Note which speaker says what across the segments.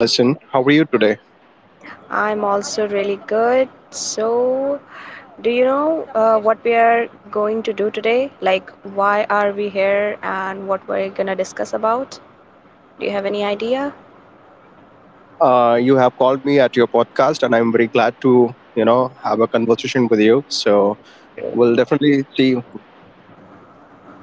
Speaker 1: Alison. How are you today?
Speaker 2: I'm also really good. So, do you know what we are going to do today? Like, why are we here and what we're gonna discuss about? Do you have any idea?
Speaker 1: You have called me at your podcast, and I'm very glad to have a conversation with you. So we'll definitely see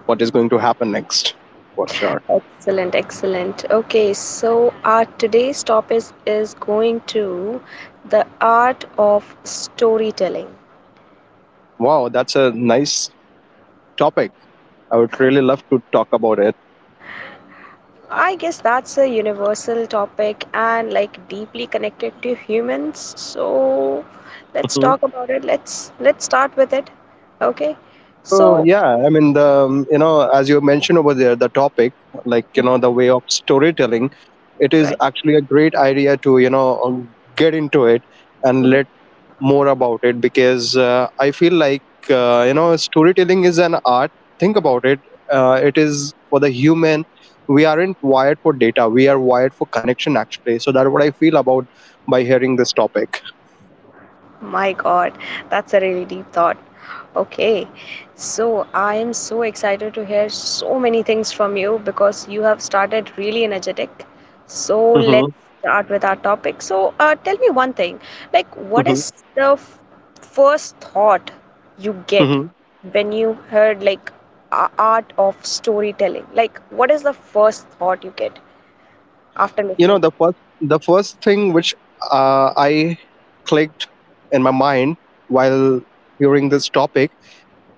Speaker 1: what is going to happen next for sure.
Speaker 2: Excellent, excellent. Okay, so our today's topic is going to the art of storytelling.
Speaker 1: Wow, that's a nice topic. I would really love to talk about it.
Speaker 2: I guess that's a universal topic and like deeply connected to humans. So let's
Speaker 1: Mhm.
Speaker 2: talk about it. Let's start with it. Okay.
Speaker 1: So
Speaker 2: So
Speaker 1: yeah, I mean the you know as you mentioned over there, the topic the way of storytelling, it is
Speaker 2: right.
Speaker 1: actually a great idea to get into it and
Speaker 2: Mm-hmm.
Speaker 1: let more about it because I feel like storytelling is an art. Think about it. It is for the human. We aren't wired for data. We are wired for connection actually. So that's what I feel about by hearing this topic.
Speaker 2: My God, that's a really deep thought. Okay, so I am so excited to hear so many things from you because you have started really energetic. So
Speaker 1: hmm
Speaker 2: let's start with our topic. So, tell me one thing, like what is the first thought you get
Speaker 1: hmm
Speaker 2: when you heard like art of storytelling? Like, what is the first thought you get after listening
Speaker 1: the
Speaker 2: to?
Speaker 1: first the first thing which I clicked in my mind while hearing this topic,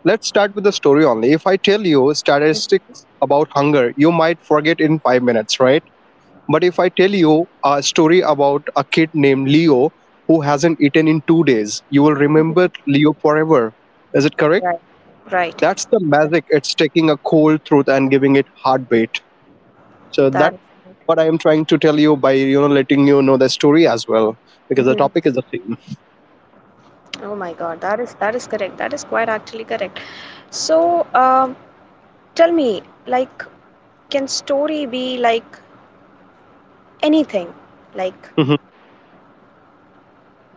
Speaker 1: let's start with the story only. If I tell you statistics about hunger you might forget in 5 minutes, right? But if I tell you a story about a kid named Leo who hasn't eaten in 2 days, you will remember Leo forever. Is it correct?
Speaker 2: Right. Right.
Speaker 1: That's the magic. It's taking a cold truth and giving it heartbeat. So
Speaker 2: That.
Speaker 1: what I am trying to tell you by letting you know the story as well, because the topic is the same.
Speaker 2: Oh my God, that is correct. That is quite actually correct. So, tell me, like, can story be like anything? Like,
Speaker 1: Mhm.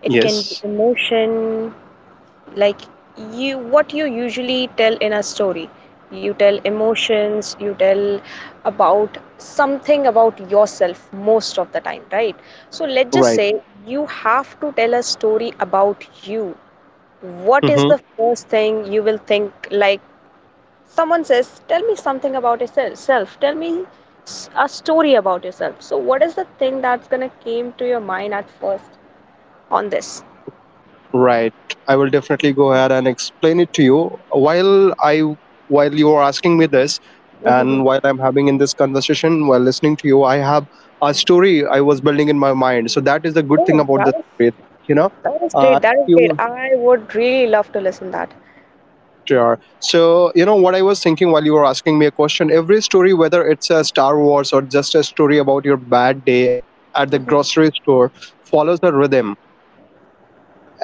Speaker 2: it can be
Speaker 1: Yes,
Speaker 2: emotion. Like, you what you usually tell in a story. You tell emotions. You tell about something about yourself most of the time, right? So let's just
Speaker 1: right.
Speaker 2: say you have to tell a story about you. What is
Speaker 1: hmm
Speaker 2: the first thing you will think like? Someone says, tell me something about yourself. Tell me a story about yourself. So, what is the thing that's going to came to your mind at first on this?
Speaker 1: right. I will definitely go ahead and explain it to you while I while you are asking me this,
Speaker 2: Mhm.
Speaker 1: and while I'm having in this conversation while listening to you. I have a story I was building in my mind, so that is the good thing
Speaker 2: Oh,
Speaker 1: about
Speaker 2: that
Speaker 1: the
Speaker 2: is
Speaker 1: story. You know,
Speaker 2: that is
Speaker 1: uh,
Speaker 2: great. That is great.
Speaker 1: you
Speaker 2: I would really love to listen that.
Speaker 1: Sure. So, you know what I was thinking while you were asking me a question? Every story, whether it's a Star Wars or just a story about your bad day at the
Speaker 2: Mhm.
Speaker 1: grocery store, follows a rhythm.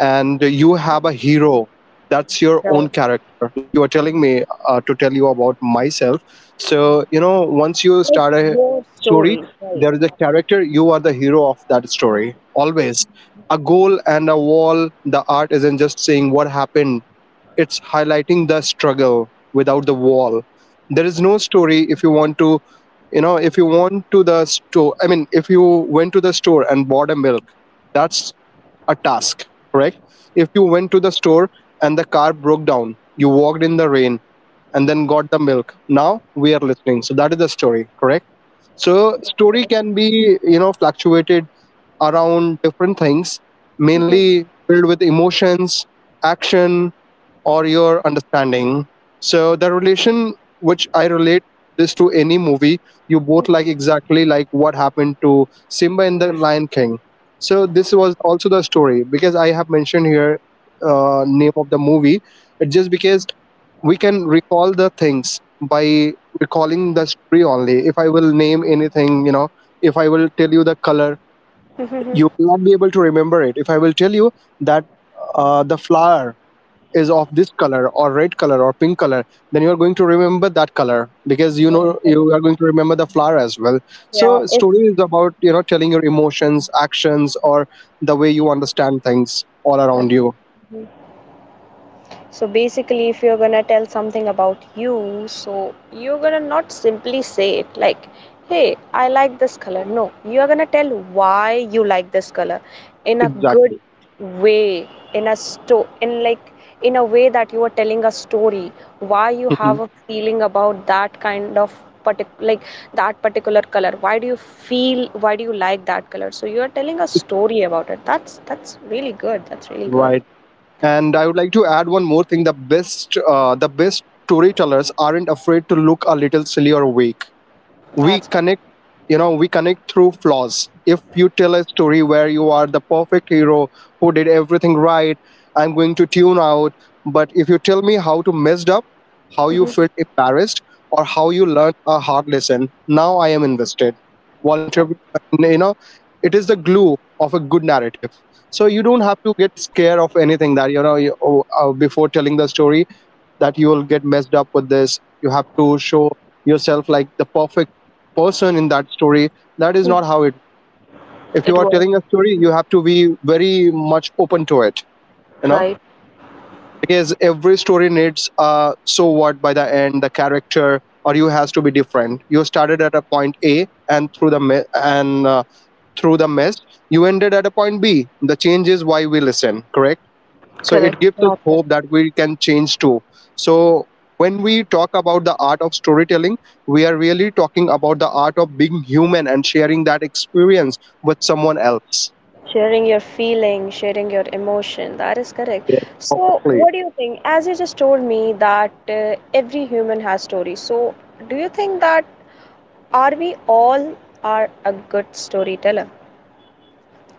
Speaker 1: And you have a hero. That's your
Speaker 2: Right.
Speaker 1: own character. Like you were telling me to tell you about myself. So, you know, once you
Speaker 2: Like
Speaker 1: start a
Speaker 2: your
Speaker 1: story,
Speaker 2: story, right?
Speaker 1: there is a character. You are the hero of that story. Always. A goal and a wall. The art isn't just saying what happened, it's highlighting the struggle. Without the wall there is no story. If you want to the store, I mean if you went to the store and bought a milk, that's a task, correct? If you went to the store and the car broke down, you walked in the rain and then got the milk, now we are listening. So that is the story, correct? So story
Speaker 2: Correct.
Speaker 1: can be fluctuated around different things,
Speaker 2: Mhm,
Speaker 1: mainly filled with emotions, action, or your understanding. So the relation which I relate this to any movie, you both like exactly like what happened to Simba in the Lion King. So this was also the story because I have mentioned here name of the movie. It's just because we can recall the things by recalling the story only. If I will name anything, you know, if I will tell you the color,
Speaker 2: mhm.
Speaker 1: you will not be able to remember it. If I will tell you that the flower is of this color, or red color or pink color, then you are going to remember that color, because you
Speaker 2: That's
Speaker 1: know
Speaker 2: correct.
Speaker 1: you are going to remember the flower as well.
Speaker 2: Yeah.
Speaker 1: So story is about telling your emotions, actions, or the way you understand things all
Speaker 2: It's.
Speaker 1: around you.
Speaker 2: So basically, if you're gonna tell something about you, so you're gonna not simply say it like, hey, I like this color. No, you're gonna tell why you like this color in a good
Speaker 1: Exactly.
Speaker 2: way, in like in a way that you are telling a story, why you
Speaker 1: Mhm.
Speaker 2: have a feeling about that kind of like that particular color. Why do you like that color? So you are telling a story about it. That's really good. That's really good.
Speaker 1: Right, and I would like to add one more thing. The best storytellers aren't afraid to look a little silly or weak. We
Speaker 2: That's good.
Speaker 1: connect, we connect through flaws. If you tell a story where you are the perfect hero who did everything right, I'm going to tune out. But if you tell me how to messed up, how you
Speaker 2: Mhm.
Speaker 1: felt embarrassed, or how you learned a hard lesson, now I am invested. While interview, you know, it is the glue of a good narrative. So you don't have to get scared of anything that before telling the story that you will get messed up with this, you have to show yourself like the perfect person in that story. That is not how it. If you
Speaker 2: It
Speaker 1: are
Speaker 2: was
Speaker 1: telling a story, you have to be very much open to it, you know
Speaker 2: right,
Speaker 1: because every story needs uh, so what by the end the character or you has to be different. You started at a point A and through the mess you ended at a point B. The change is why we listen, correct? So
Speaker 2: correct,
Speaker 1: it gives us
Speaker 2: that's correct.
Speaker 1: hope that we can change too. So when we talk about the art of storytelling, we are really talking about the art of being human and sharing that experience with someone else.
Speaker 2: Sharing your feeling, sharing your emotion, that is correct.
Speaker 1: Yes,
Speaker 2: So
Speaker 1: perfectly.
Speaker 2: what do you think, as you just told me that every human has stories, so do you think that are we all are a good storyteller,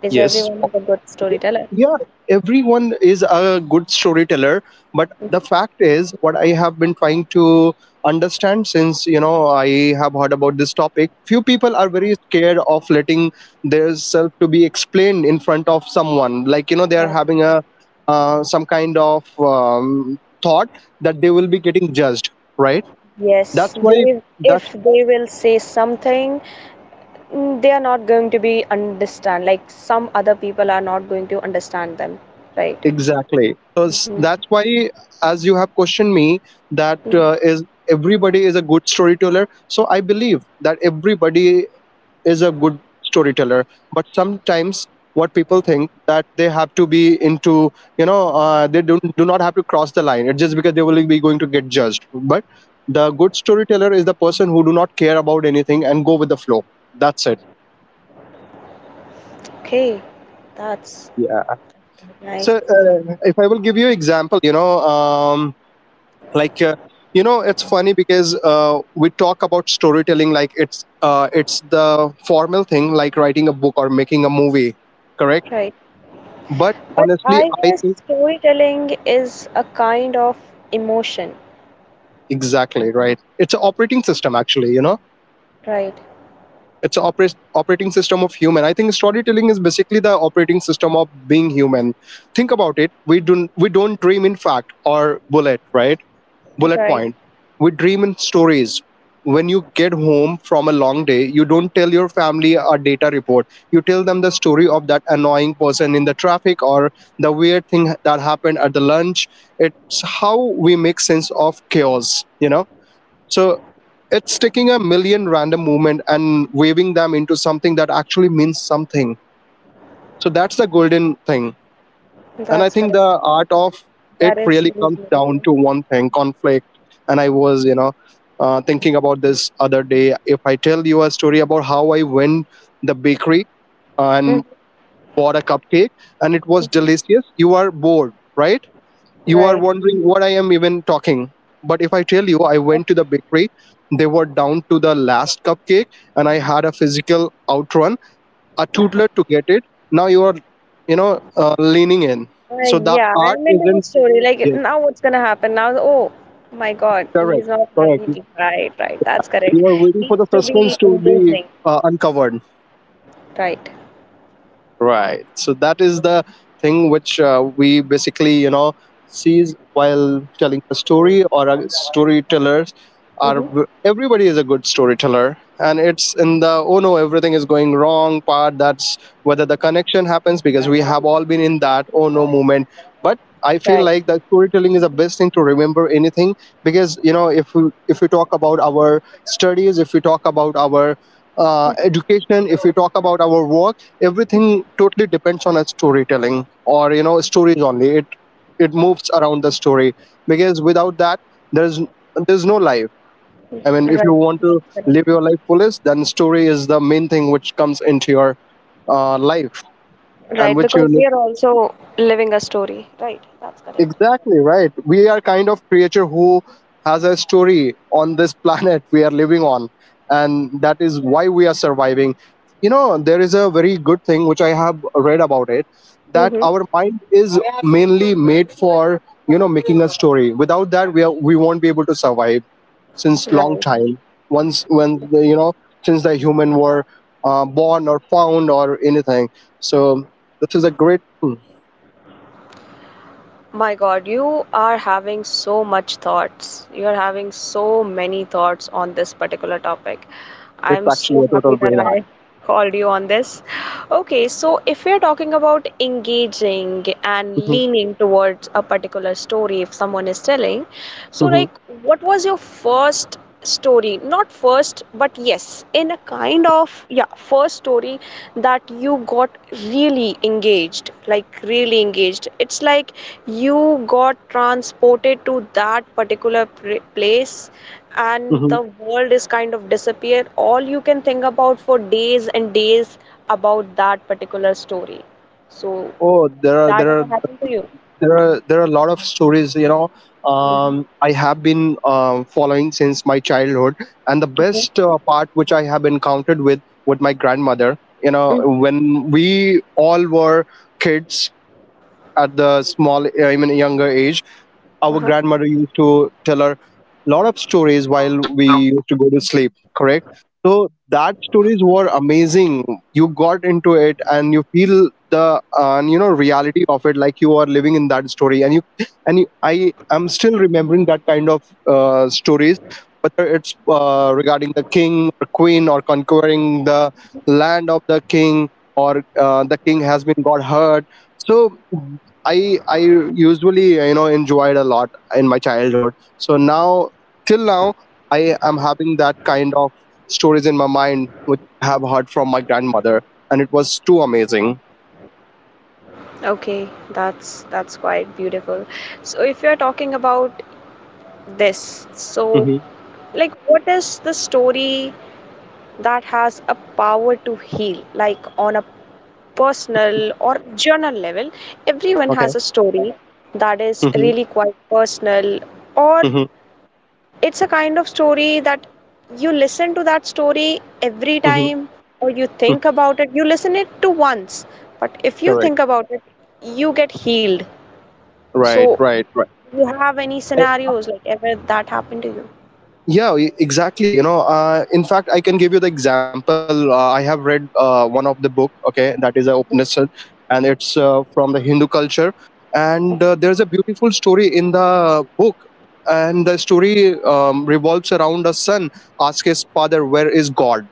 Speaker 2: is
Speaker 1: Yes.
Speaker 2: everyone is a good
Speaker 1: Y-
Speaker 2: storyteller?
Speaker 1: yeah, everyone is a good storyteller, but the fact is what I have been trying to understand since you know I have heard about this topic, few people are very scared of letting their self to be explained in front of someone, like you know they are
Speaker 2: That's
Speaker 1: having a some kind of thought that they will be getting judged, right?
Speaker 2: yes,
Speaker 1: That's why
Speaker 2: they, if
Speaker 1: that's
Speaker 2: they will say something, they are not going to be understand, like some other people are not going to understand them, right?
Speaker 1: exactly. So
Speaker 2: Mhm.
Speaker 1: that's why, as you have questioned me, that is everybody is a good storyteller. So I believe that everybody is a good storyteller. But sometimes what people think that they have to be into, they don't do not have to cross the line. It's just because they will be going to get judged. But the good storyteller is the person who do not care about anything and go with the flow. That's it.
Speaker 2: Okay, that's
Speaker 1: Yeah.
Speaker 2: nice,
Speaker 1: So if I will give you example, you know. Um, like you know it's funny because we talk about storytelling like it's the formal thing, like writing a book or making a movie, correct?
Speaker 2: right?
Speaker 1: But
Speaker 2: But
Speaker 1: honestly
Speaker 2: I
Speaker 1: I
Speaker 2: guess
Speaker 1: think
Speaker 2: storytelling is a kind of emotion,
Speaker 1: exactly right, it's an operating system actually, you know,
Speaker 2: right?
Speaker 1: it's an operating system of human. I think storytelling is basically the operating system of being human. Think about it, we don't dream in fact or bullet, right? Bullet
Speaker 2: Right,
Speaker 1: point. We dream in stories. When you get home from a long day, you don't tell your family a data report. You tell them the story of that annoying person in the traffic, or the weird thing that happened at the lunch. It's how we make sense of chaos, you know? So it's taking a million random movement and waving them into something that actually means something. So that's the golden thing, and I
Speaker 2: that's
Speaker 1: think
Speaker 2: correct.
Speaker 1: the art of it
Speaker 2: That is
Speaker 1: really
Speaker 2: really
Speaker 1: comes down
Speaker 2: beautiful.
Speaker 1: to one thing: conflict. And I was, you know, thinking about this other day, if I tell you a story about how I went the bakery
Speaker 2: Mhm,
Speaker 1: and bought a cupcake and it was
Speaker 2: mhm.
Speaker 1: delicious, you are bored, right? You are
Speaker 2: Right.
Speaker 1: wondering what I am even talking. But if I tell you I went to the bakery, they were down to the last cupcake, and I had a physical outrun a
Speaker 2: Uh-huh.
Speaker 1: tootler to get it, now you are, you know, leaning in. So the
Speaker 2: Yeah,
Speaker 1: art
Speaker 2: I'm into the
Speaker 1: isn't.
Speaker 2: story. Like
Speaker 1: Yes,
Speaker 2: now, what's gonna happen? Now, oh my God,
Speaker 1: correct,
Speaker 2: he's not
Speaker 1: correct. You
Speaker 2: happy. Right, right. That's correct.
Speaker 1: you are waiting for the
Speaker 2: Needs to
Speaker 1: suspense
Speaker 2: be
Speaker 1: to be
Speaker 2: engaging.
Speaker 1: uncovered.
Speaker 2: Right.
Speaker 1: Right. So that is the thing which we basically, you know, sees while telling a story. Or a storytellers are,
Speaker 2: Mm-hmm.
Speaker 1: everybody is a good storyteller, and it's in the oh no everything is going wrong part, that's whether the connection happens, because we have all been in that oh no moment. But I feel
Speaker 2: Right.
Speaker 1: like the storytelling is the best thing to remember anything, because you know if we talk about our studies, if we talk about our education, if we talk about our work, everything totally depends on a storytelling, or you know, stories only. It moves around the story, because without that there's no life. I mean
Speaker 2: Mm-hmm.
Speaker 1: if you
Speaker 2: Right.
Speaker 1: want to
Speaker 2: That's correct.
Speaker 1: live your life fullest, then story is the main thing which comes into your life. And
Speaker 2: Right,
Speaker 1: which you
Speaker 2: because we are also living a story. Right, that's correct.
Speaker 1: exactly right. We are kind of creature who has a story on this planet we are living on, and that is why we are surviving. You know, there is a very good thing which I have read about it, that
Speaker 2: Mm-hmm.
Speaker 1: our mind is mainly made for making a story. Without that, we won't be able to survive since long
Speaker 2: Right.
Speaker 1: time. Once when the, you know, since the human were born or found or anything. So this is a great. hmm,
Speaker 2: My God, you are having so much thoughts. You are having so many thoughts on this particular topic.
Speaker 1: It's
Speaker 2: I'm so
Speaker 1: actually a
Speaker 2: happy
Speaker 1: total
Speaker 2: that
Speaker 1: brain hack.
Speaker 2: I called you on this. Okay, so if we're talking about engaging and leaning towards a particular story, if someone is telling, so
Speaker 1: hmm
Speaker 2: like, what was your first story? Not first, but yes, in a kind of, yeah, first story that you got really engaged, like, really engaged. It's like, you got transported to that particular place and
Speaker 1: hmm
Speaker 2: the world is kind of disappear, all you can think about for days and days about that particular story, so
Speaker 1: Oh, there are
Speaker 2: that
Speaker 1: there
Speaker 2: ever
Speaker 1: are
Speaker 2: happened to you?
Speaker 1: there are there are a lot of stories. You know,
Speaker 2: Mhm.
Speaker 1: I have been following since my childhood, and the
Speaker 2: Mhm.
Speaker 1: best part which I have encountered with my grandmother. You know,
Speaker 2: Mm.
Speaker 1: when we all were kids at the small, I mean, younger age, our
Speaker 2: Uh-huh.
Speaker 1: grandmother used to tell her a lot of stories while we used to go to sleep, correct? So that stories were amazing. You got into it and you feel the you know reality of it, like you are living in that story and you, I am still remembering that kind of stories, whether it's regarding the king or queen or conquering the land of the king or the king has been got hurt. So I usually you know enjoyed a lot in my childhood. So now till now I am having that kind of stories in my mind which I have heard from my grandmother, and it was too amazing.
Speaker 2: Okay, that's quite beautiful. So if you're talking about this, so
Speaker 1: Hmm
Speaker 2: like what is the story that has a power to heal, like on a personal or journal level, everyone
Speaker 1: Okay.
Speaker 2: has a story that is
Speaker 1: hmm
Speaker 2: really quite personal, or
Speaker 1: hmm
Speaker 2: it's a kind of story that you listen to that story every
Speaker 1: hmm
Speaker 2: time, or you think
Speaker 1: hmm
Speaker 2: about it. You listen it to once, but if you
Speaker 1: Correct.
Speaker 2: think about it, you get healed.
Speaker 1: Right.
Speaker 2: So,
Speaker 1: Right. Right.
Speaker 2: do you have any scenarios like ever that happened to you?
Speaker 1: Yeah, exactly, you know, in fact I can give you the example. I have read one of the book, okay, that is a
Speaker 2: Mhm,
Speaker 1: Upanishad, and it's from the Hindu culture, and there's a beautiful story in the book. And the story revolves around a son asks his father, where is god?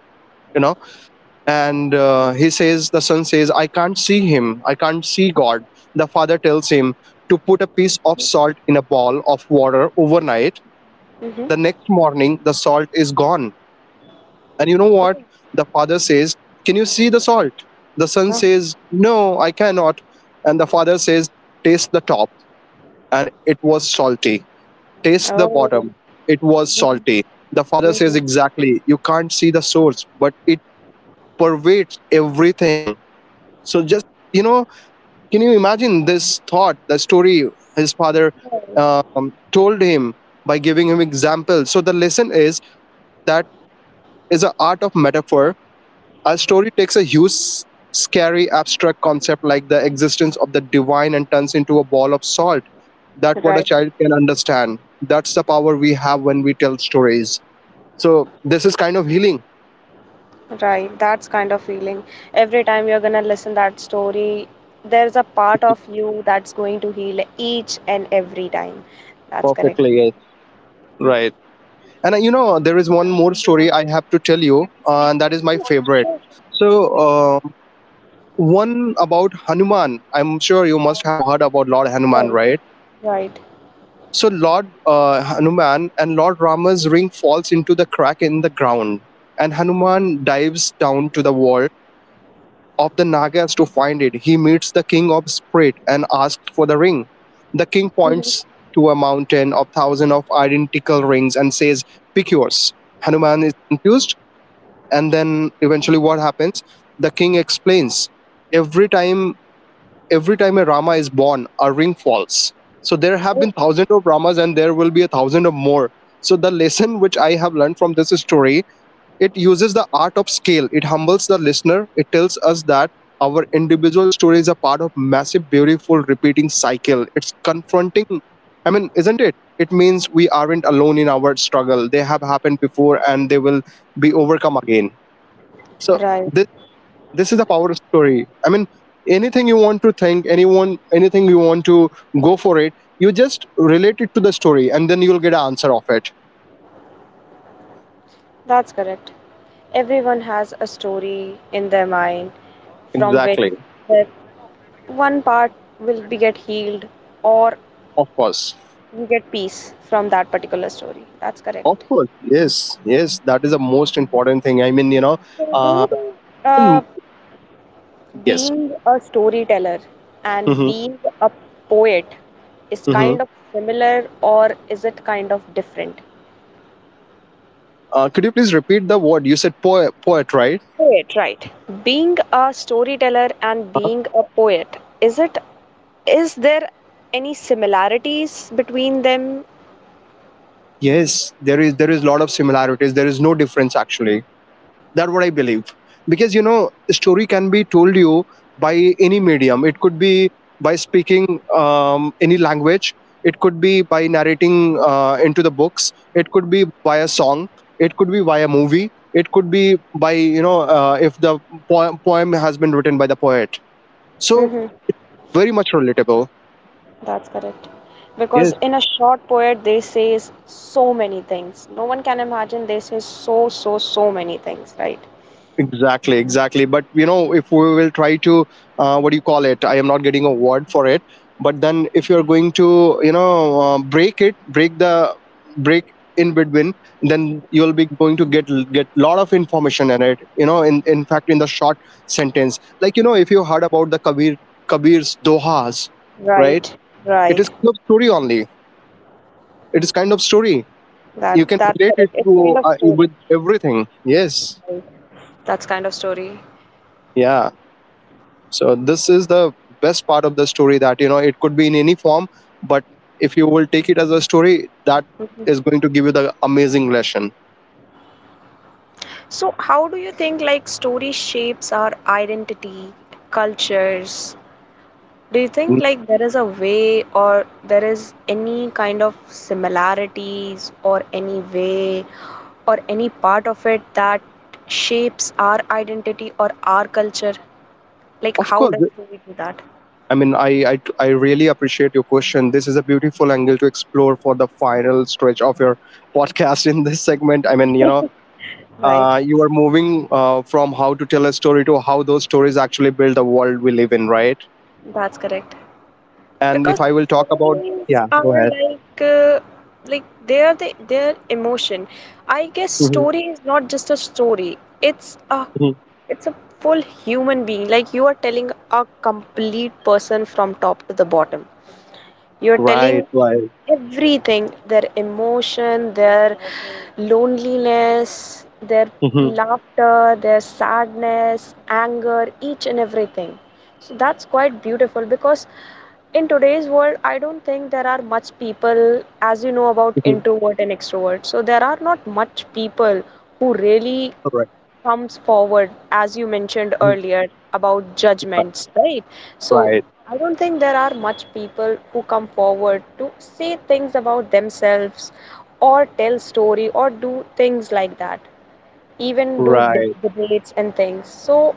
Speaker 1: You know, and he says, the son says, I can't see him, I can't see god. The father tells him to put a piece of
Speaker 2: mhm,
Speaker 1: salt in a ball of water overnight.
Speaker 2: mhm.
Speaker 1: The next morning, the salt is gone. And you know
Speaker 2: Oh,
Speaker 1: what? The father says, Can you see the salt? The son
Speaker 2: uh-huh.
Speaker 1: says, No, I cannot. And the father says, Taste the top. And it was salty. Taste the
Speaker 2: Oh,
Speaker 1: bottom. It was salty. The father says,
Speaker 2: hmm,
Speaker 1: Exactly. You can't see the source, but it pervades everything. So just, you know, can you imagine this thought, the story his father um, told him by giving him examples? So the lesson is that is the art of metaphor. A story takes a huge, scary, abstract concept like the existence of the divine and turns into a ball of salt. That's what a
Speaker 2: right.
Speaker 1: child can understand. That's the power we have when we tell stories. So this is kind of healing.
Speaker 2: Right, that's kind of feeling. Every time you're gonna listen that story, there's a part of you that's going to heal each and every time. That's correct.
Speaker 1: Perfectly, yes. Right. And you know, there is one more story I have to tell you, and that is my favorite.
Speaker 2: Sure,
Speaker 1: So, one about Hanuman. I'm sure you must have heard about Lord Hanuman,
Speaker 2: right.
Speaker 1: right?
Speaker 2: Right.
Speaker 1: So Lord Hanuman and Lord Rama's ring falls into the crack in the ground, and Hanuman dives down to the wall of the Nagas to find it. He meets the king of spirit and asks for the ring. The king
Speaker 2: Mhm.
Speaker 1: points to a mountain of thousands of identical rings and says, "Pick yours." Hanuman is confused, and then eventually, what happens? The king explains. Every time every time a Rama is born, a ring falls. So there have
Speaker 2: Yeah.
Speaker 1: been thousands of Ramas and there will be a thousand or more. So the lesson which I have learned from this story, it uses the art of scale. It humbles the listener. It tells us that our individual story is a part of massive, beautiful, repeating cycle. It's confronting. I mean, isn't it? It means we aren't alone in our struggle. They have happened before and they will be overcome again. So
Speaker 2: Right.
Speaker 1: this this is the power of story, I mean, anything you want to think, anyone, anything you want to, go for it, you just relate it to the story and then you'll get an answer of it.
Speaker 2: That's correct. Everyone has a story in their mind from which
Speaker 1: Exactly.
Speaker 2: that one part will be get healed or
Speaker 1: Of course.
Speaker 2: you get peace from that particular story. That's
Speaker 1: Of
Speaker 2: correct.
Speaker 1: course, yes, yes, that is the most important thing, I mean, you know.
Speaker 2: So do
Speaker 1: uh
Speaker 2: you think,
Speaker 1: mm,
Speaker 2: Uh,
Speaker 1: yes.
Speaker 2: being a storyteller and
Speaker 1: hmm
Speaker 2: being a poet is
Speaker 1: hmm
Speaker 2: kind of similar or is it kind of different?
Speaker 1: Could you please repeat the word you said? Poet, poet, right?
Speaker 2: Poet, right. Being a storyteller and
Speaker 1: Uh,
Speaker 2: being a poet, is it, is there any similarities between them?
Speaker 1: yes, there is lot of similarities, there is no difference actually. That's what I believe. Because you know, story can be told you by any medium. It could be by speaking any language. It could be by narrating into the books. It could be by a song. It could be by a movie. It could be by you know if the poem has been written by the poet. So
Speaker 2: Hmm.
Speaker 1: very much relatable.
Speaker 2: That's correct. Because in a short poet they say so many things. No one can imagine, they say so many things, right?
Speaker 1: Exactly, exactly. But you know, if we will try to, what do you call it? I am not getting a word for it. But then, if you are going to, you know, break it, break the break in between, then you'll be going to get lot of information in it. You know, in fact, in the short sentence, like you know, if you heard about the Kabir's Dohas, right?
Speaker 2: Right,
Speaker 1: It
Speaker 2: right.
Speaker 1: is kind of story only. It is kind of story.
Speaker 2: That
Speaker 1: You can
Speaker 2: that's
Speaker 1: relate it
Speaker 2: correct. It's kind
Speaker 1: to
Speaker 2: of story.
Speaker 1: with everything. Yes.
Speaker 2: Right. That's kind of story.
Speaker 1: Yeah. So this is the best part of the story, that you know it could be in any form, but if you will take it as a story, that is going to give you the amazing lesson.
Speaker 2: So, how do you think like story shapes our identity, cultures? Do you think
Speaker 1: Mm,
Speaker 2: like there is a way or there is any kind of similarities or any way or any part of it that shapes our identity or our culture? Like,
Speaker 1: of
Speaker 2: how
Speaker 1: course,
Speaker 2: does story do that?
Speaker 1: I mean, I really appreciate your question. This is a beautiful angle to explore for the final stretch of your podcast in this segment, I mean, you know,
Speaker 2: Right.
Speaker 1: you are moving from how to tell a story to how those stories actually build the world we live in, right?
Speaker 2: That's correct.
Speaker 1: And if
Speaker 2: Because
Speaker 1: I will talk about,
Speaker 2: stories
Speaker 1: yeah, go
Speaker 2: are
Speaker 1: ahead.
Speaker 2: like they are the, their emotion. I guess
Speaker 1: Mhm,
Speaker 2: story is not just a story, it's a,
Speaker 1: mhm.
Speaker 2: it's a full human being, like you are telling a complete person from top to the bottom, you're
Speaker 1: right
Speaker 2: telling
Speaker 1: right
Speaker 2: everything, their emotion, their loneliness, their
Speaker 1: Mhm,
Speaker 2: laughter, their sadness, anger, each and everything. So that's quite beautiful because in today's world, I don't think there are much people, as you know about
Speaker 1: mhm.
Speaker 2: introvert and extrovert. So there are not much people who really comes forward, as you mentioned
Speaker 1: Mhm.
Speaker 2: earlier, about
Speaker 1: Right,
Speaker 2: judgments, right? So
Speaker 1: right,
Speaker 2: I don't think there are much people who come forward to say things about themselves or tell story or do things like that, even do
Speaker 1: right.
Speaker 2: debates and things. So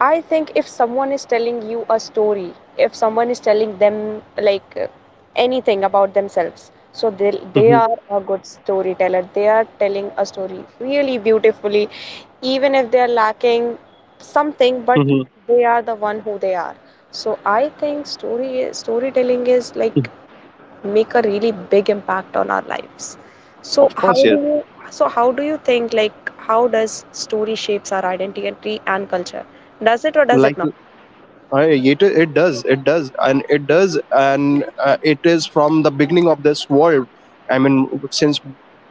Speaker 2: I think if someone is telling you a story, if someone is telling them like anything about themselves, so they
Speaker 1: Mhm,
Speaker 2: are a good storyteller. They are telling a story really beautifully, even if they are lacking something, but
Speaker 1: mhm,
Speaker 2: they are the one who they are. So I think storytelling is
Speaker 1: mhm.
Speaker 2: like make a really big impact on our lives. So
Speaker 1: Of
Speaker 2: how
Speaker 1: course,
Speaker 2: do
Speaker 1: yes.
Speaker 2: you so how do you think like how does story shapes our identity and culture? Does it or does it
Speaker 1: Like
Speaker 2: not?
Speaker 1: it, it does, and it does, and it is from the beginning of this world. I mean, since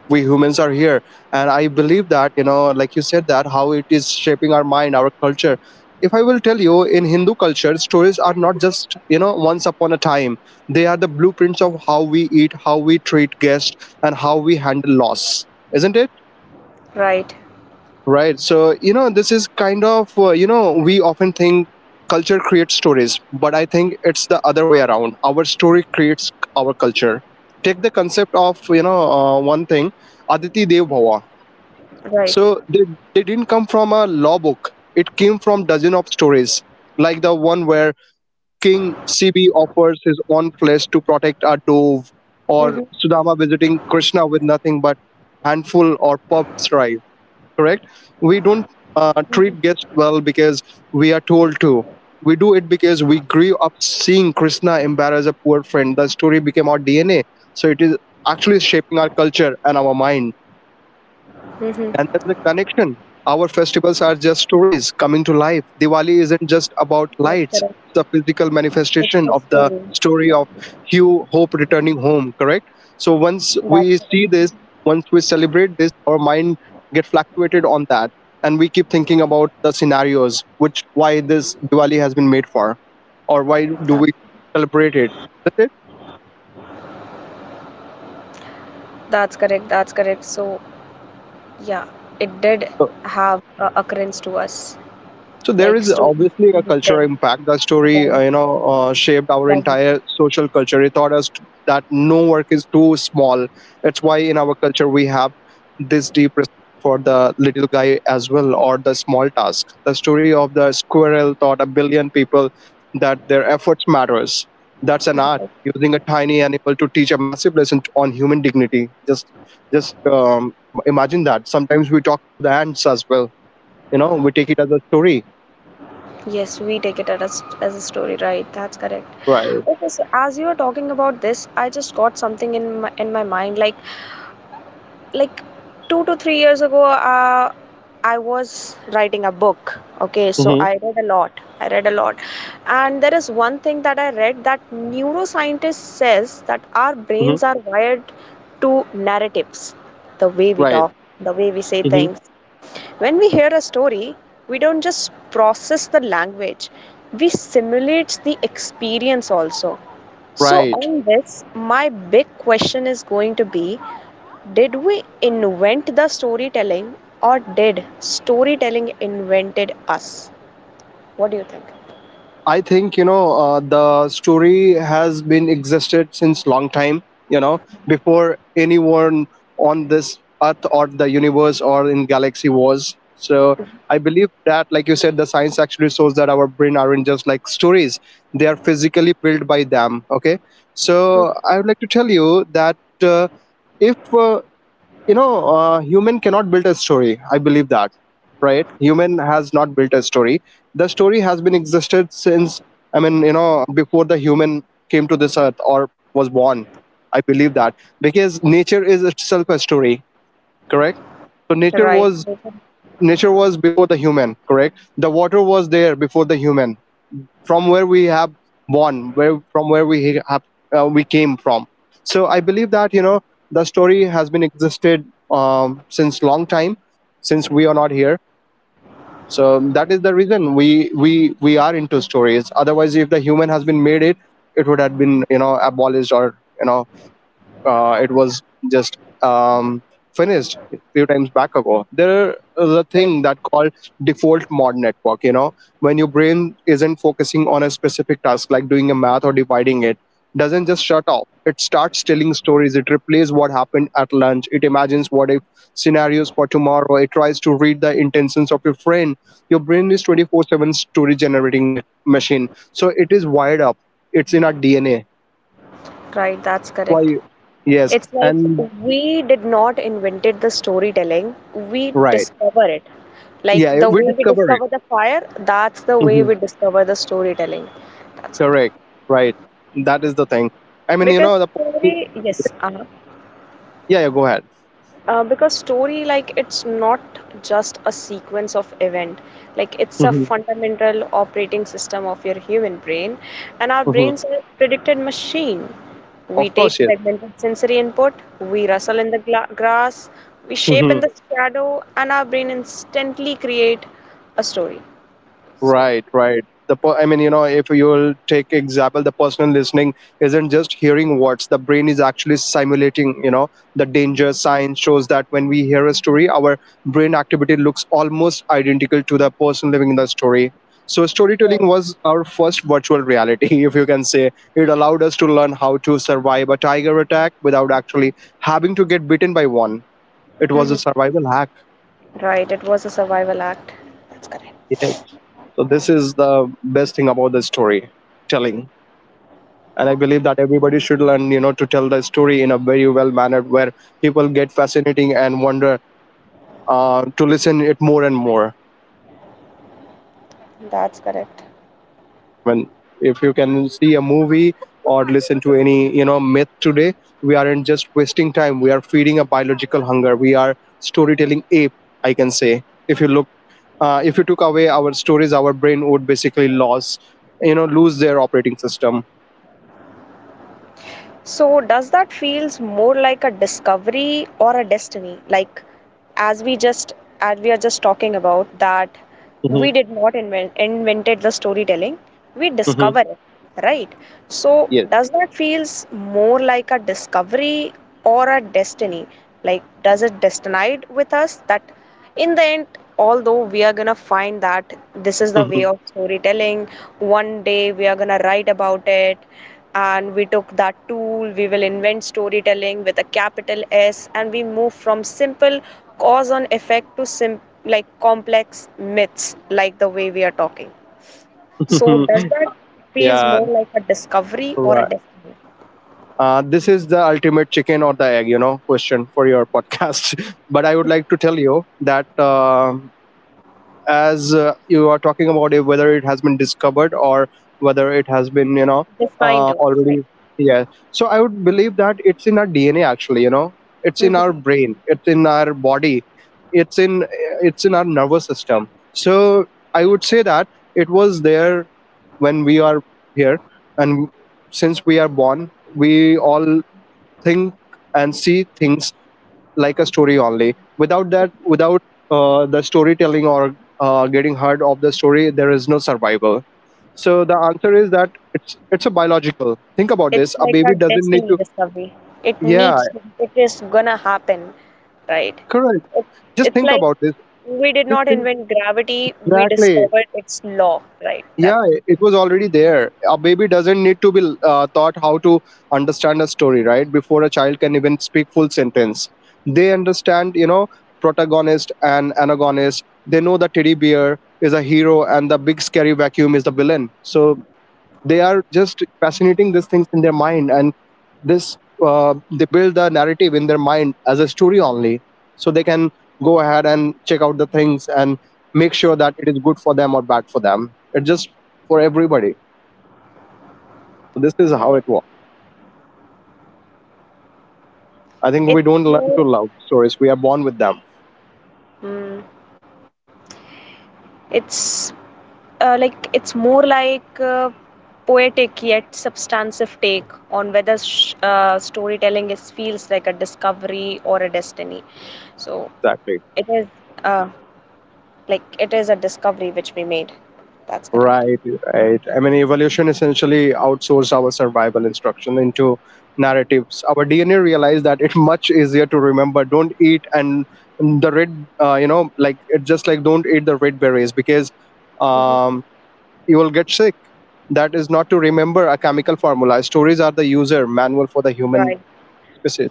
Speaker 1: we humans are here, and I believe that you know, like you said, that how it is shaping our mind, our culture. If I will tell you, in Hindu culture, stories are not just you know once upon a time. They are the blueprints of how we eat, how we treat guests, and how we handle loss. Isn't it?
Speaker 2: Right,
Speaker 1: Right. So, you know, this is kind of, you know, we often think culture creates stories, but I think it's the other way around. Our story creates our culture. Take the concept of, you know, one thing, Aditi Dev Bhava.
Speaker 2: right.
Speaker 1: So they didn't come from a law book. It came from dozen of stories, like the one where King CB offers his own flesh to protect a
Speaker 2: Mm-hmm,
Speaker 1: dove, or Sudama visiting Krishna with nothing but handful or puffed rice, correct? We don't Uh, treat guests well because we are told to. We do it because we grew up seeing Krishna embarrass a poor friend. The story became our DNA. So it is actually shaping our culture and our mind,
Speaker 2: mm-hmm, mm-hmm.
Speaker 1: and there's a connection. Our festivals are just stories coming to life. Diwali isn't just
Speaker 2: That's
Speaker 1: about
Speaker 2: correct.
Speaker 1: lights, it's a physical
Speaker 2: It's a
Speaker 1: manifestation
Speaker 2: story.
Speaker 1: of the story of Hugh Hope returning home, correct? So
Speaker 2: That's
Speaker 1: once
Speaker 2: correct.
Speaker 1: we see this, once we celebrate this, our mind get fluctuated on that. And we keep thinking about the scenarios, which why this Diwali has been made for, or why
Speaker 2: That's
Speaker 1: do we celebrate it? That's it.
Speaker 2: that's correct. That's correct. So, yeah, it did
Speaker 1: So
Speaker 2: have a occurrence to us,
Speaker 1: So there is
Speaker 2: like stories
Speaker 1: obviously a
Speaker 2: we
Speaker 1: cultural
Speaker 2: tell
Speaker 1: impact. That story, you
Speaker 2: about
Speaker 1: know, shaped our
Speaker 2: doesn't.
Speaker 1: entire social culture. It taught us that no work is too small. That's why in our culture we have this deep respect for the little guy as well, or the small task. The story of the squirrel taught a billion people that their efforts matters. That's an art using a tiny animal to teach a massive lesson on human dignity. Just imagine that. Sometimes we talk about the ants as well. You know, we take it as a story.
Speaker 2: Yes, we take it as a story, right? That's correct.
Speaker 1: Right.
Speaker 2: Okay, so as you were talking about this, I just got something in my mind. Like 2 to 3 years ago, I was writing a book. Okay, so
Speaker 1: Mm-hmm,
Speaker 2: I read a lot. And there is one thing that I read that neuroscientist says that our
Speaker 1: mm-hmm,
Speaker 2: brains are wired to narratives, the way we
Speaker 1: right.
Speaker 2: talk, the way we say
Speaker 1: Mm-hmm,
Speaker 2: things, when we hear a story, we don't just process the language, we simulate the experience also. So,
Speaker 1: right.
Speaker 2: on this, my big question is going to be: did we invent the storytelling or did storytelling invented us? What do you think?
Speaker 1: I think you know the story has been existed since long time. You know, before anyone on this earth or the universe or in galaxy was. So I believe that, like you said, the science actually shows that our brain aren't just like stories; they are physically built by them. Okay, so I would like to tell you that uh, if you know human cannot build a story, I believe that, right, human has not built a story. The story has been existed since, I mean, you know, before the human came to this earth or was born, I believe that, because nature is itself a story, correct? So
Speaker 2: Right.
Speaker 1: nature was before the human, correct? The water was there before the human, from where we have born, where from where we have we came from. So I believe that you know the story has been existed since long time, since we are not here. So that is the reason we are into stories. Otherwise, if the human has been made it, it would have been abolished or you know it was just um, finished a few times back ago. There is a
Speaker 2: Correct.
Speaker 1: thing that called default mode network. You know, when your brain isn't focusing on a specific task like doing a math or dividing it, doesn't just shut off. It starts telling stories. It replays what happened at lunch. It imagines what if scenarios for tomorrow. It tries to read the intentions of your friend. Your brain is 24/7 story generating machine. So it is wired up. It's in our DNA.
Speaker 2: Right, that's correct.
Speaker 1: Why? Yes,
Speaker 2: It's like
Speaker 1: and
Speaker 2: we did not invented the storytelling, we
Speaker 1: right.
Speaker 2: discover it. Like
Speaker 1: Yeah,
Speaker 2: the
Speaker 1: we
Speaker 2: way we
Speaker 1: discover it.
Speaker 2: discover the fire, that's the way we
Speaker 1: Hmm.
Speaker 2: discover the storytelling. That's correct.
Speaker 1: Correct. Right. That is the thing. I mean, you know,
Speaker 2: Because story, yes,
Speaker 1: yeah, yeah, go ahead.
Speaker 2: because story like it's not just a sequence of event, like it's a
Speaker 1: Hmm.
Speaker 2: fundamental operating system of your human brain, and our
Speaker 1: Hmm.
Speaker 2: brains are a predicted machine, we
Speaker 1: Of
Speaker 2: take
Speaker 1: course, yes.
Speaker 2: fragmented sensory input, we rustle in the grass, we shape in
Speaker 1: Mhm.
Speaker 2: the shadow, and our brain instantly create a story, so
Speaker 1: Right, right. I mean, you know, if you'll take example, the personal listening isn't just hearing words. The brain is actually simulating. You know, the danger sign shows that when we hear a story, our brain activity looks almost identical to the person living in the story. So
Speaker 2: yeah.
Speaker 1: storytelling was our first virtual reality, if you can say. It allowed us to learn how to survive a tiger attack without actually having to get bitten by one. It was a
Speaker 2: Mhm.
Speaker 1: survival hack.
Speaker 2: Right, it was a survival act, that's correct,
Speaker 1: Yes. So this is the best thing about the storytelling. And I believe that everybody should learn to tell the story in a very well manner where people get fascinating and wonder to listen it more and more.
Speaker 2: that's correct.
Speaker 1: When if you can see a movie or listen to any myth today, we aren't just wasting time, we are feeding a biological hunger, we are storytelling ape, I can say. If you look, if you took away our stories, our brain would basically lose, lose their operating system.
Speaker 2: So does that feels more like a discovery or a destiny? Like as we just, as we are just talking about that we
Speaker 1: Hmm.
Speaker 2: did not invented the storytelling, we
Speaker 1: Hmm.
Speaker 2: discover it, right? So
Speaker 1: Yes.
Speaker 2: does that feels more like a discovery or a destiny? Like does it destinate with us that in the end, although we are gonna find that this is the way of storytelling, one day we are gonna write about it, and we took that tool, we will invent storytelling with a capital s, and we move from simple cause and effect to like complex myths like the way we are talking, so does that feels
Speaker 1: Yeah.
Speaker 2: more like a discovery or a
Speaker 1: Right.
Speaker 2: destiny?
Speaker 1: This is the ultimate chicken or the egg, you know, question for your podcast. But I would like to tell you that as you are talking about it, whether it has been discovered or whether it has been, you know,
Speaker 2: This kind of right.
Speaker 1: already, yeah. So I would believe that it's in our DNA, actually, you know, it's in our
Speaker 2: Hmm.
Speaker 1: brain, it's in our body, it's in it's in our nervous system. So I would say that it was there when we are here, and since we are born, we all think and see things like a story only without that, without the storytelling or getting heard of the story, there is no survival. So the answer is that it's a biological. Think about
Speaker 2: It's
Speaker 1: this, a
Speaker 2: like a
Speaker 1: baby doesn't need
Speaker 2: destiny
Speaker 1: to,
Speaker 2: discovery. It
Speaker 1: yeah,
Speaker 2: needs to, it is gonna happen, right?
Speaker 1: correct,
Speaker 2: It,
Speaker 1: just
Speaker 2: it's
Speaker 1: think
Speaker 2: like
Speaker 1: about this,
Speaker 2: we did
Speaker 1: just
Speaker 2: not
Speaker 1: think,
Speaker 2: invent gravity, we
Speaker 1: exactly,
Speaker 2: discovered its law, right? That
Speaker 1: yeah, it was already there. A baby doesn't need to be taught how to understand a story. Right before a child can even speak full sentence, they understand, you know, protagonist and antagonist. They know the teddy bear is a hero and the big scary vacuum is the villain. So they are just fascinating these things in their mind, and this, they build the narrative in their mind as a story only, so they can go ahead and check out the things and make sure that it is good for them or bad for them. It just, for everybody, this is how
Speaker 2: right.
Speaker 1: it works. I think we
Speaker 2: It's
Speaker 1: don't learn to
Speaker 2: more,
Speaker 1: love stories, we are born with them.
Speaker 2: mm, it's like it's more like poetic yet substantive take on whether storytelling is feels like a discovery or a destiny, so
Speaker 1: Exactly.
Speaker 2: it is, uh, like it is a discovery which we made. That's correct.
Speaker 1: Right, right. I mean, evolution essentially outsourced our survival instruction into narratives. Our DNA realized that it's much easier to remember. Don't eat and the red, you know, like it's just like don't eat the red berries because
Speaker 2: Hmm.
Speaker 1: um, you will get sick. That is not to remember a chemical formula. Stories are the user manual for the human
Speaker 2: Right.
Speaker 1: species.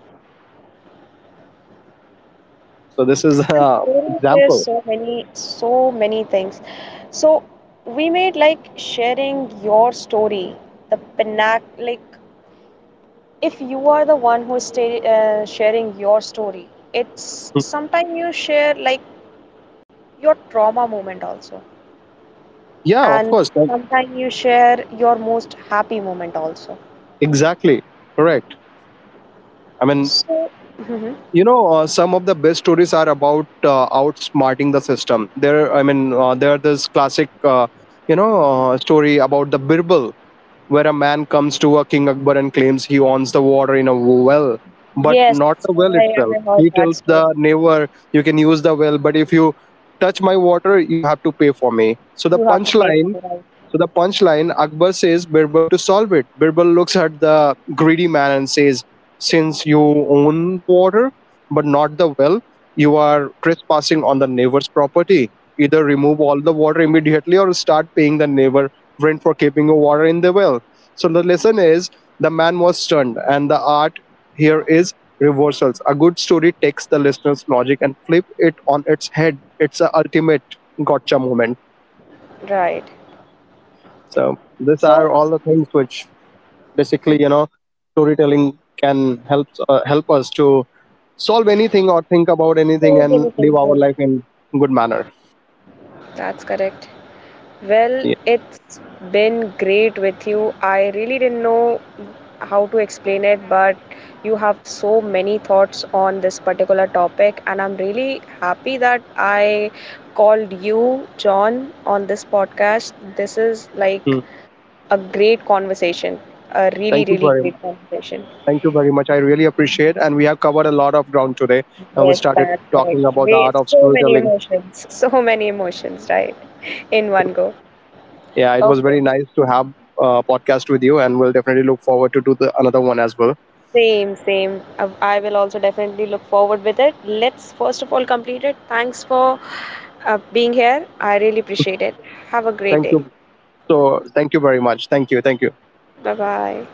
Speaker 1: So this is
Speaker 2: And
Speaker 1: an
Speaker 2: sharing shares
Speaker 1: example.
Speaker 2: so many, so many things. So we made like sharing your story, the panac, like if you are the one who is sharing your story, it's sometimes you share like your trauma moment also,
Speaker 1: Yeah, of
Speaker 2: and
Speaker 1: course. Like,
Speaker 2: sometimes you share your most happy moment also.
Speaker 1: exactly. Correct. I mean,
Speaker 2: So, Mhm.
Speaker 1: some of the best stories are about outsmarting the system. There, I mean, there are this classic story about the Birbal, where a man comes to a king Akbar and claims he owns the water in a well, but
Speaker 2: Yes,
Speaker 1: not the well itself.
Speaker 2: I heard
Speaker 1: He
Speaker 2: that
Speaker 1: tells the
Speaker 2: story.
Speaker 1: neighbor, you can use the well, but if you touch my water, you have to pay for me. so the
Speaker 2: You have to pay for
Speaker 1: punchline
Speaker 2: the ride.
Speaker 1: so the punchline, Akbar says Birbal to solve it. Birbal looks at the greedy man and says, since you own the water, but not the well, you are trespassing on the neighbor's property. Either remove all the water immediately or start paying the neighbor rent for keeping your water in the well. So the lesson is, the man was stunned, and the art here is reversals. A good story takes the listener's logic and flip it on its head. It's an ultimate gotcha moment.
Speaker 2: Right.
Speaker 1: So these
Speaker 2: So,
Speaker 1: are all the things which basically, you
Speaker 2: Mhm.
Speaker 1: know, storytelling can help, help us to solve anything or think about
Speaker 2: So
Speaker 1: anything
Speaker 2: many
Speaker 1: and
Speaker 2: things.
Speaker 1: live
Speaker 2: Right?
Speaker 1: our life in good manner.
Speaker 2: That's correct. Well,
Speaker 1: Yeah.
Speaker 2: it's been great with you. I really didn't know how to explain it, but you have so many thoughts on this particular topic, and I'm really happy that I called you, John, on this podcast. This is like
Speaker 1: Hmm.
Speaker 2: a great conversation, a really,
Speaker 1: Thank you
Speaker 2: really
Speaker 1: very
Speaker 2: great
Speaker 1: much.
Speaker 2: conversation.
Speaker 1: Thank you very much. I really appreciate, and we have covered a lot of ground today, and we
Speaker 2: Yes,
Speaker 1: started
Speaker 2: that's correct.
Speaker 1: talking about the
Speaker 2: Way,
Speaker 1: art of
Speaker 2: so many
Speaker 1: storytelling.
Speaker 2: emotions, so many emotions, right? In one go.
Speaker 1: Yeah, it was
Speaker 2: Okay.
Speaker 1: very nice to have a podcast with you, and we'll definitely look forward to do the another one as well.
Speaker 2: Same, same. I will also definitely look forward with it. Let's first of all complete it. Thanks for being here. I really appreciate it. Have a great
Speaker 1: Thank
Speaker 2: day.
Speaker 1: you. So, thank you very much. Thank you. Thank you.
Speaker 2: Bye bye.